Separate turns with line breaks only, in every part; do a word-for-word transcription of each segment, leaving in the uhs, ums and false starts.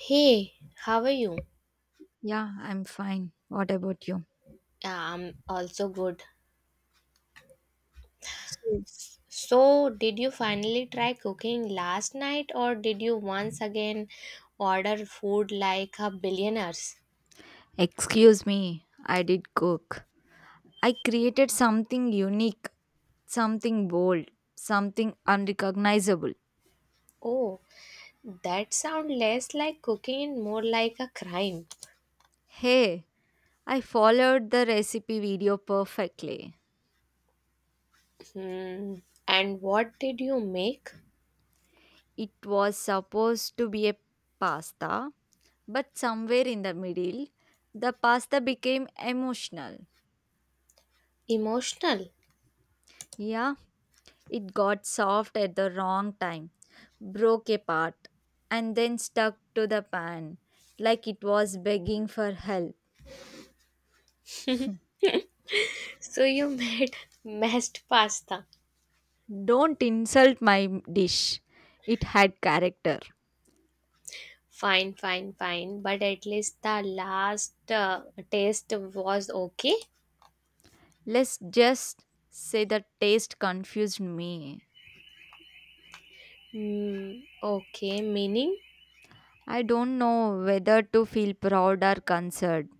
Hey, how are you?
Yeah, I'm fine. What about you?
Yeah, I'm also good.
So,
So, did you finally try cooking last night or did you once again order food like a billionaires?
excuse me, I did cook. I created something unique, something bold, something unrecognizable.
Oh, that sounds less like cooking and more like a crime.
Hey, I followed the recipe video perfectly.
Hmm. And what did you make?
It was supposed to be a pasta, but somewhere in the middle, the pasta became emotional.
Emotional.
Yeah, it got soft at the wrong time, broke apart, and then stuck to the pan like it was begging for help.
So you made mashed pasta.
Don't insult my dish. It had character.
Fine, fine, fine. But at least the last uh, taste was okay.
Let's just say the taste confused me.
Hmm, okay, meaning
I don't know whether to feel proud or concerned.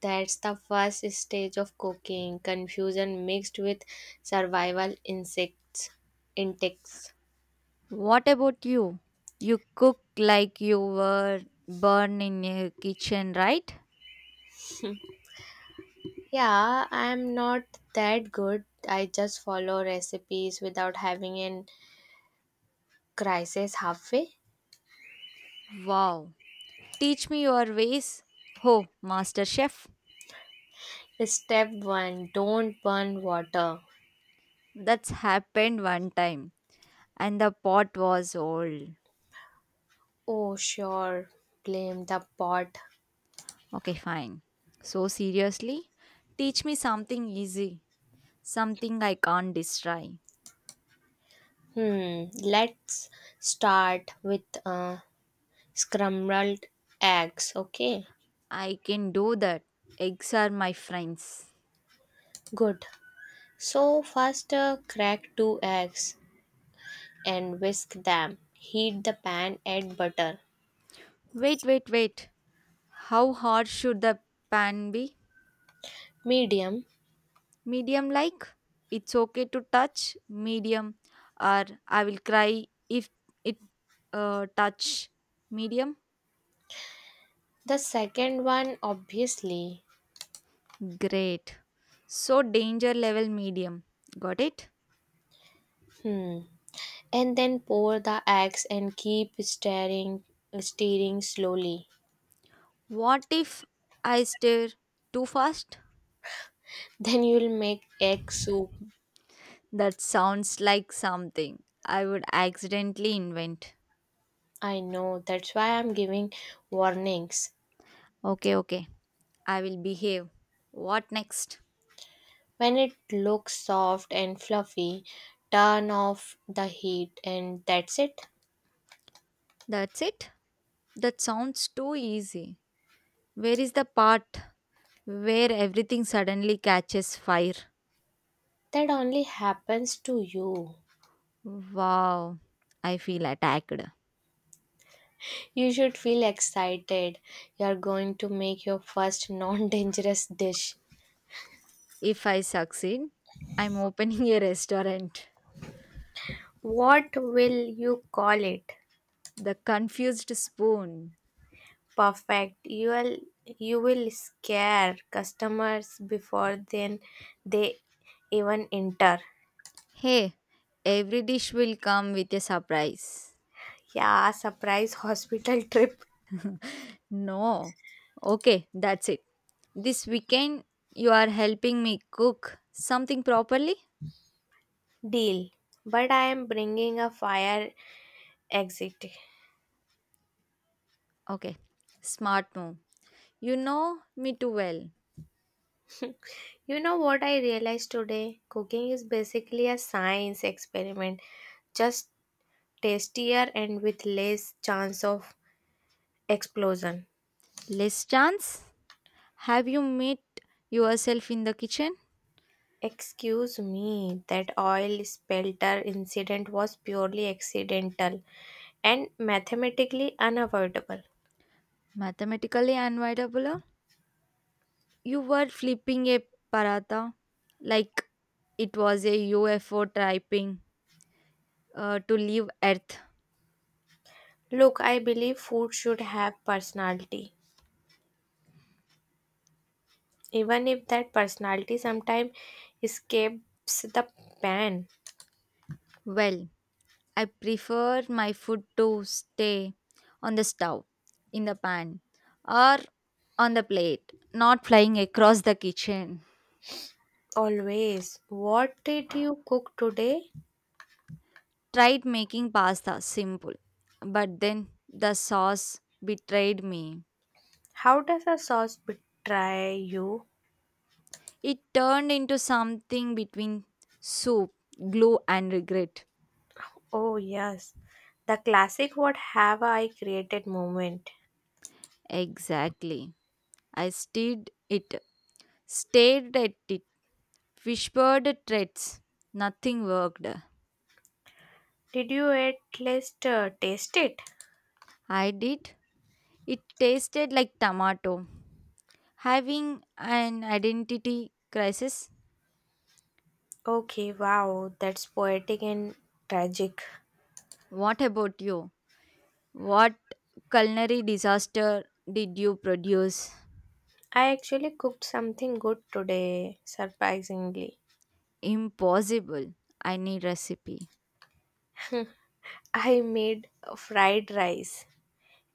that's the first stage of cooking, confusion mixed with survival insects intakes.
What about you? You cook like you were born in a kitchen, right?
Yeah, I'm not that good. I just follow recipes without having an crisis halfway.
Wow, teach me your ways. Ho, Master Chef,
Step one, don't burn water.
that's happened one time. And the pot was old.
Oh, sure, blame the pot.
Okay, fine. So, seriously, teach me something easy, something I can't destroy.
Hmm, let's start with uh, scrambled eggs, okay?
I can do that. Eggs are my friends.
Good. So first uh, crack two eggs and whisk them. Heat the pan, add butter.
Wait, wait, wait. How hard should the pan be?
Medium.
Medium like? It's okay to touch medium, or I will cry if it uh, touch medium.
The second one obviously.
Great. So, danger level medium. Got it?
Hmm. And then pour the eggs and keep stirring stirring slowly.
What if I stir too fast?
Then you'll make egg soup.
That sounds like something I would accidentally invent.
I know that's why I'm giving warnings.
Okay, okay. I will behave. What next?
When it looks soft and fluffy, turn off the heat and that's it.
That's it? That sounds too easy. Where is the part where everything suddenly catches fire?
That only happens to you.
Wow, I feel attacked.
You should feel excited. You are going to make your first non dangerous dish.
If I succeed, I'm opening a restaurant.
What will you call it?
The confused spoon.
Perfect. You will you will scare customers before then they even enter.
Hey, every dish will come with a surprise.
Yeah, surprise hospital trip
No. Okay, that's it. This weekend, you are helping me cook something properly?
deal. But I am bringing a fire exit.
Okay, smart move. You know me too well.
You know what I realized today? Cooking is basically a science experiment. Just tastier and with less chance of explosion.
Less chance? Have you met yourself in the kitchen?
Excuse me, that oil spilter incident was purely accidental and mathematically unavoidable.
Mathematically unavoidable? Huh? You were flipping a paratha like it was a U F O typing uh, to leave Earth.
Look, I believe food should have personality, even if that personality sometimes escapes the pan.
Well, I prefer my food to stay on the stove, in the pan, or on the plate, not flying across the kitchen.
Always. What did you cook today?
Tried making pasta simple, but then the sauce betrayed me.
How does a sauce betray you?
It turned into something between soup, glue, and regret.
Oh, yes. The classic what have I created moment.
Exactly. I stared it, stared at it, whispered threats. Nothing worked.
Did you at least uh, taste it?
I did. It tasted like tomato. Having an identity crisis?
Okay, wow, that's poetic and tragic.
What about you? What culinary disaster did you produce?
I actually cooked something good today, surprisingly.
Impossible. I need recipe.
I made fried rice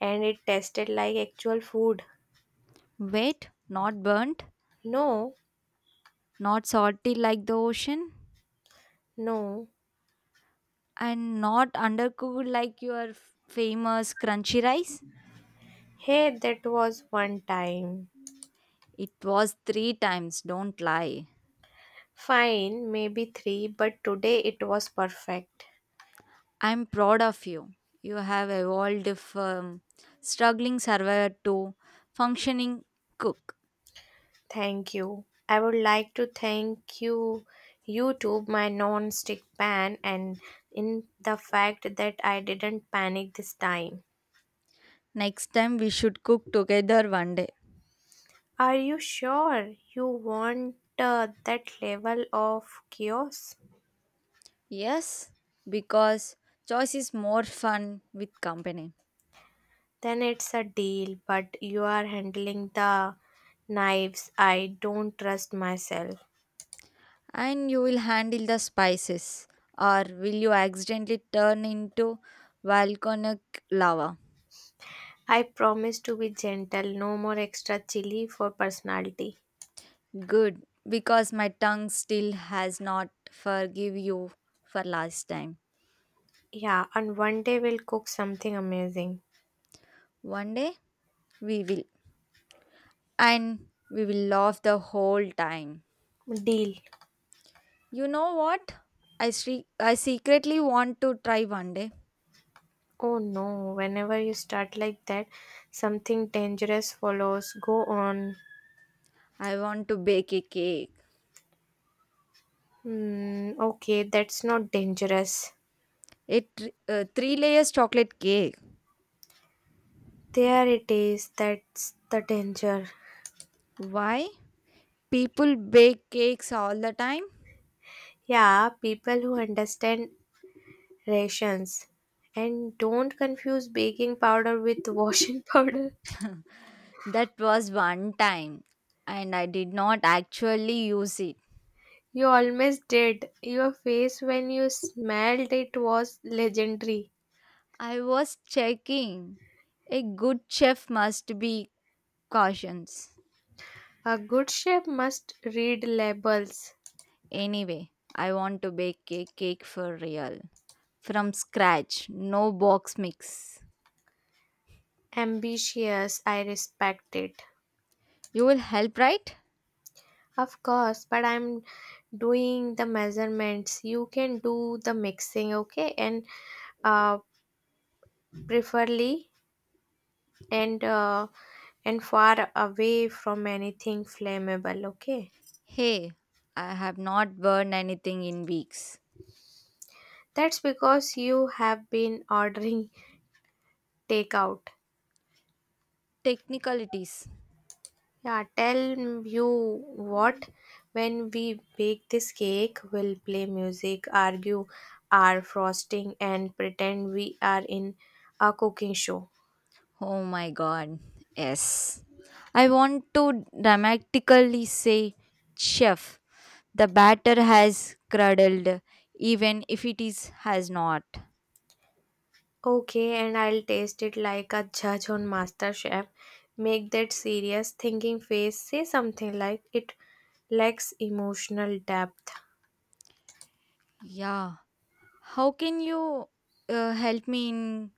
and it tasted like actual food.
Wait, not burnt,
No,
not salty like the ocean,
no.
and not undercooked like your f- famous crunchy rice?
Hey, that was one time.
It was three times, don't lie.
Fine, maybe three, but today it was perfect.
I'm proud of you. You have evolved from struggling survivor to functioning cook.
Thank you. I would like to thank you, YouTube, my non-stick pan, and in the fact that I didn't panic this time.
Next time we should cook together one day.
Are you sure you want uh, that level of chaos?
Yes, because choice is more fun with company.
Then it's a deal, but you are handling the knives. I don't trust myself.
And you will handle the spices, or will you accidentally turn into volcanic lava?
I promise to be gentle, no more extra chili for personality.
Good, because my tongue still has not forgive you for last time.
Yeah, and one day we'll cook something amazing.
One day we will. And we will laugh the whole time.
Deal.
You know what? I sre- I secretly want to try one day.
Oh no, whenever you start like that, something dangerous follows. Go on.
I want to bake a cake.
Hmm, okay, that's not dangerous.
It uh, three layers chocolate cake.
There it is, that's the danger.
Why? People bake cakes all the time.
Yeah, people who understand rations. And don't confuse baking powder with washing powder.
That was one time and I did not actually use it.
You almost did. Your face when you smelled it was legendary.
I was checking. A good chef must be cautious.
A good chef must read labels.
Anyway, I want to bake a cake for real. From scratch, no box mix.
Ambitious, I respect it.
You will help, right?
Of course, but I'm doing the measurements. You can do the mixing, okay? And uh, preferably and uh, and far away from anything flammable, okay?
Hey, I have not burned anything in weeks.
That's because you have been ordering takeout.
Technicalities.
Yeah, tell m- you what, when we bake this cake, we'll play music, argue our frosting, and pretend we are in a cooking show.
Oh my god. Yes. I want to dramatically say, Chef, the batter has curdled, even if it is has not.
Okay, and I'll taste it like a judge on MasterChef. Make that serious thinking face, say something like it lacks emotional depth
Yeah. How can you uh, help me in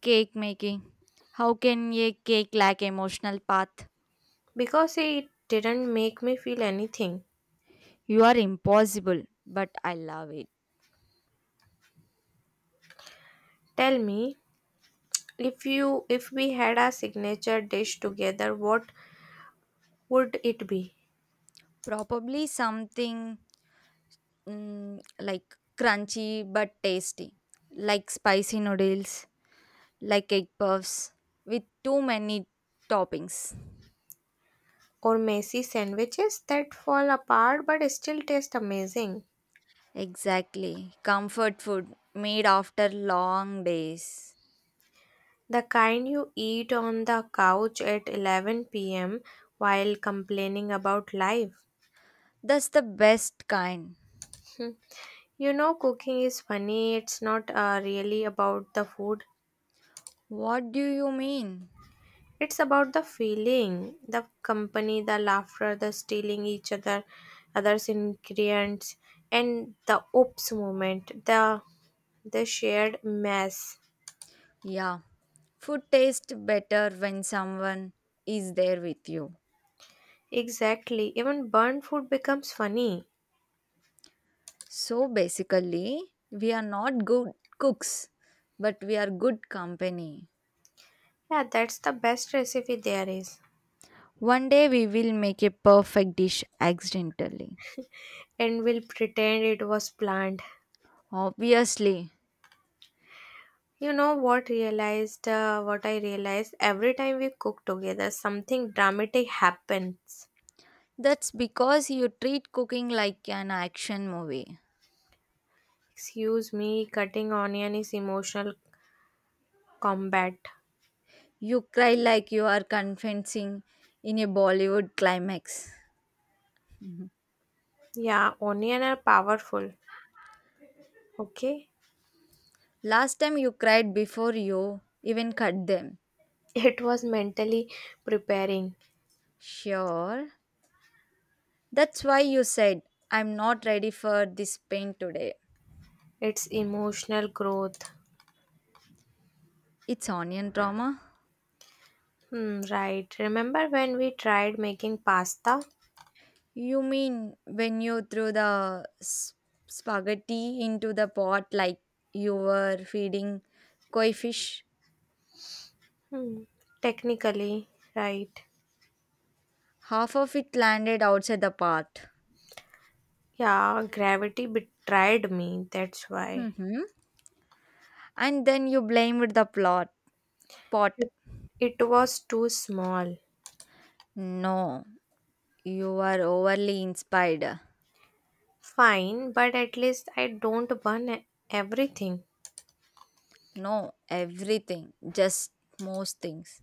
cake making? How can a cake lack emotional path?
because it didn't make me feel anything.
You are impossible, but I love it.
Tell me, if you if we had a signature dish together, what would it be?
Probably something mm, like crunchy but tasty, like spicy noodles, like egg puffs with too many toppings.
Or messy sandwiches that fall apart but still taste amazing.
Exactly. Comfort food made after long days.
The kind you eat on the couch at eleven p m while complaining about life.
That's the best kind.
Hmm. You know, cooking is funny. It's not uh, really about the food.
What do you mean?
It's about the feeling, the company, the laughter, the stealing each other, others' ingredients, and the oops moment, the the shared mess.
Yeah, food tastes better when someone is there with you.
Exactly. Even burnt food becomes funny.
So basically, we are not good cooks, but we are good company.
Yeah, that's the best recipe there is.
One day we will make a perfect dish accidentally.
And we'll pretend it was planned.
Obviously,
You know what realized uh, what I realized, every time we cook together something dramatic happens.
that's because you treat cooking like an action movie.
Excuse me, cutting onion is emotional combat.
You cry like you are confessing in a Bollywood climax. Mhm.
Yeah, onion are powerful. Okay?
Last time you cried before you even cut them.
It was mentally preparing.
Sure. That's why you said, I'm not ready for this pain today.
It's emotional growth.
It's onion trauma.
Hmm, right. Remember when we tried making pasta?
You mean when you threw the s- spaghetti into the pot like you were feeding koi fish?
Hmm, technically, right.
Half of it landed outside the pot.
Yeah, gravity betrayed me. That's why.
hmm And then you blamed the plot pot.
It it was too small.
No, you were overly inspired.
Fine, but at least I don't burn e- everything.
No, everything, just most things.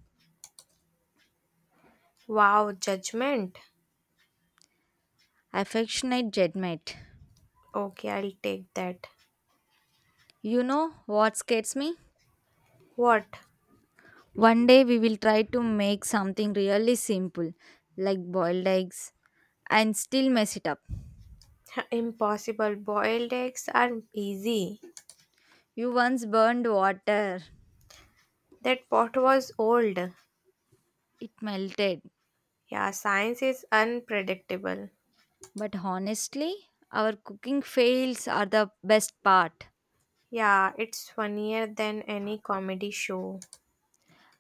Wow, judgment.
Affectionate judgment.
Okay, I'll take that.
You know what scares me?
What?
One day we will try to make something really simple, like boiled eggs and still mess it up.
Impossible. Boiled eggs are easy.
You once burned water,
That pot was old.
it melted.
Yeah, science is unpredictable.
But honestly, our cooking fails are the best part.
Yeah, it's funnier than any comedy show.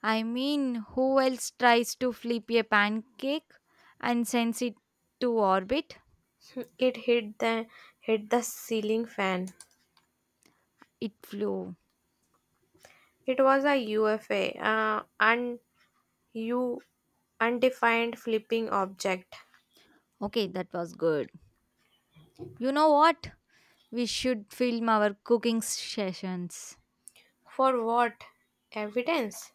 I mean, who else tries to flip a pancake and sends it to orbit?
It hit the hit the ceiling fan.
It flew.
It was a U F A. Uh, and you Undefined flipping object.
Okay, that was good. You know what? We should film our cooking sessions
For what? Evidence?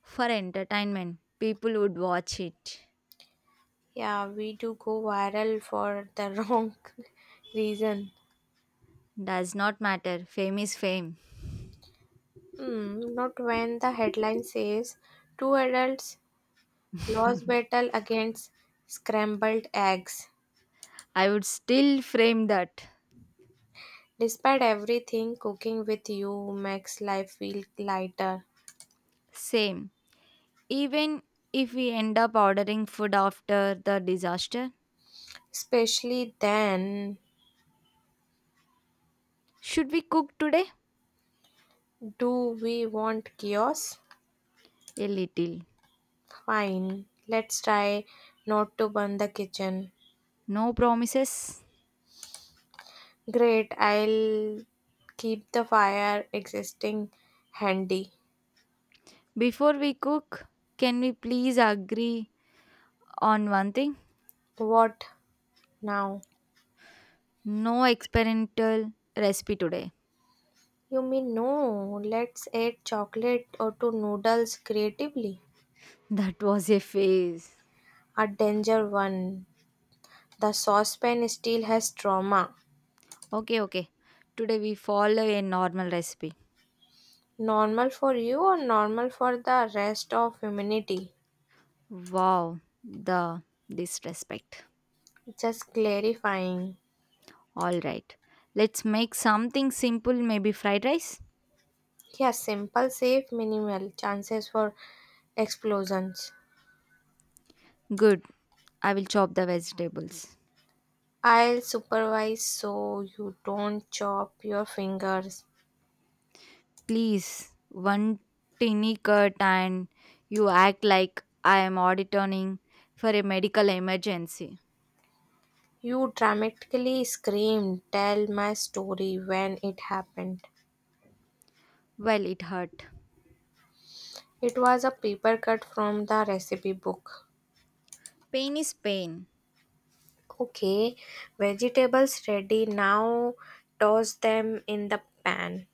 for entertainment. People would watch it.
Yeah, we do go viral for the wrong reason.
Does not matter. Fame is fame.
Hmm, not when the headline says two adults lost battle against scrambled eggs.
I would still frame that.
Despite everything, cooking with you makes life feel lighter.
Same. Even if we end up ordering food after the disaster,
Especially then,
should we cook today?
do we want chaos?
A little.
Fine, let's try not to burn the kitchen.
No promises.
Great, I'll keep the fire existing handy.
Before we cook, can we please agree on one thing?
What now?
No experimental recipe today.
You mean no? Let's add chocolate or to noodles creatively.
That was a phase.
A danger one. The saucepan still has trauma.
Okay, okay. Today we follow a normal recipe.
Normal for you or normal for the rest of humanity?
Wow, the disrespect.
Just clarifying.
All right. Let's make something simple, maybe fried rice.
Yeah, simple, safe, minimal chances for explosions.
Good. I will chop the vegetables.
I'll supervise so you don't chop your fingers.
Please, one tiny cut and you act like I am auditioning for a medical emergency.
You dramatically screamed, tell my story when it happened.
Well, it hurt.
It was a paper cut from the recipe book.
Pain is pain.
Okay, vegetables ready now. Toss them in the pan.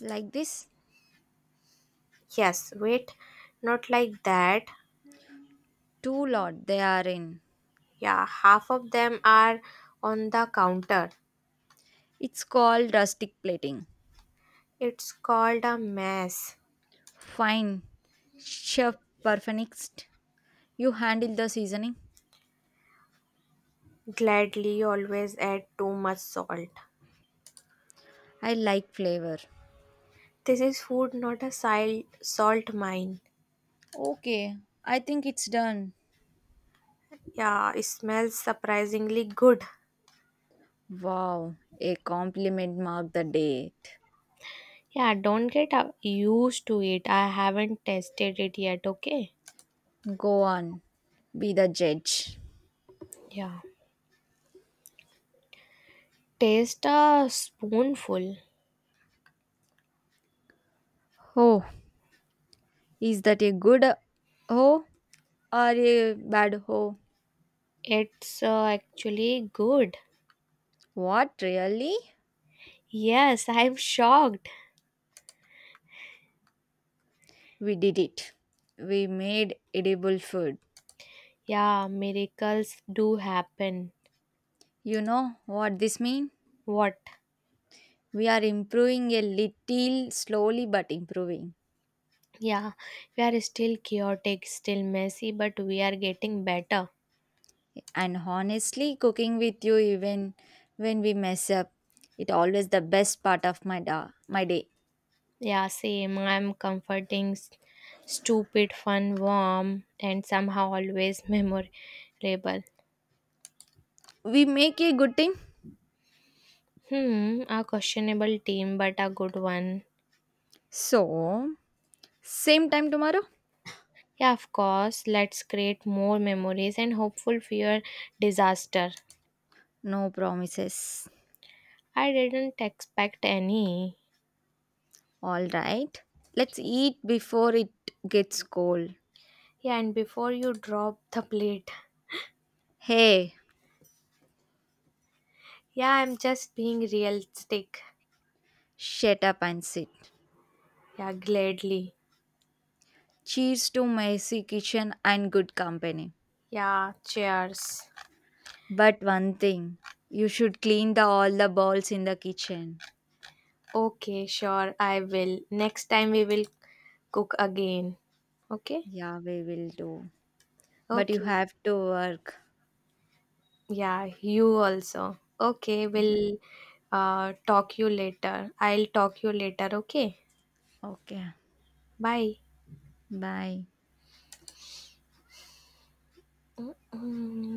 Like this,
Yes, wait, not like that.
too lot they are in.
Yeah, half of them are on the counter.
It's called rustic plating.
It's called a mess.
Fine, chef perfectionist. You handle the seasoning.
Gladly always add too much salt.
I like flavor.
This is food, not a sal- salt mine.
Okay, I think it's done.
Yeah, it smells surprisingly good.
Wow, a compliment marked the date.
Yeah, don't get uh, used to it. I haven't tested it yet, okay?
Go on, be the judge.
Yeah. Taste a spoonful.
Oh, is that a good ho or a bad ho?
It's uh, actually good.
What really?
Yes, I'm shocked.
We did it. We made edible food.
Yeah, miracles do happen.
You know what this means?
What?
We are improving a little slowly but improving.
Yeah, we are still chaotic, still messy, but we are getting better.
And honestly, cooking with you even when we mess up, it always the best part of my da- my day.
Yeah, same. I'm comforting, s- stupid, fun, warm, and somehow always memorable.
We make a good team.
Hmm, a questionable team, but a good one.
So same time tomorrow?
Yeah, of course. Let's create more memories and hopeful fear disaster.
No promises.
I didn't expect any.
All right. Let's eat before it gets cold.
Yeah, and before you drop the plate.
Hey,
Yeah, I'm just being realistic.
shut up and sit.
Yeah, gladly.
Cheers to messy kitchen and good company.
Yeah, cheers.
But one thing, you should clean the all the bowls in the kitchen.
Okay, sure, I will. Next time we will cook again. Okay?
Yeah, we will do. But you
Okay.
have to work.
Yeah, you also. Okay,
Yeah.
we'll uh, talk you later. I'll talk you later. Okay?
Okay.
Bye.
Bye.
Mm.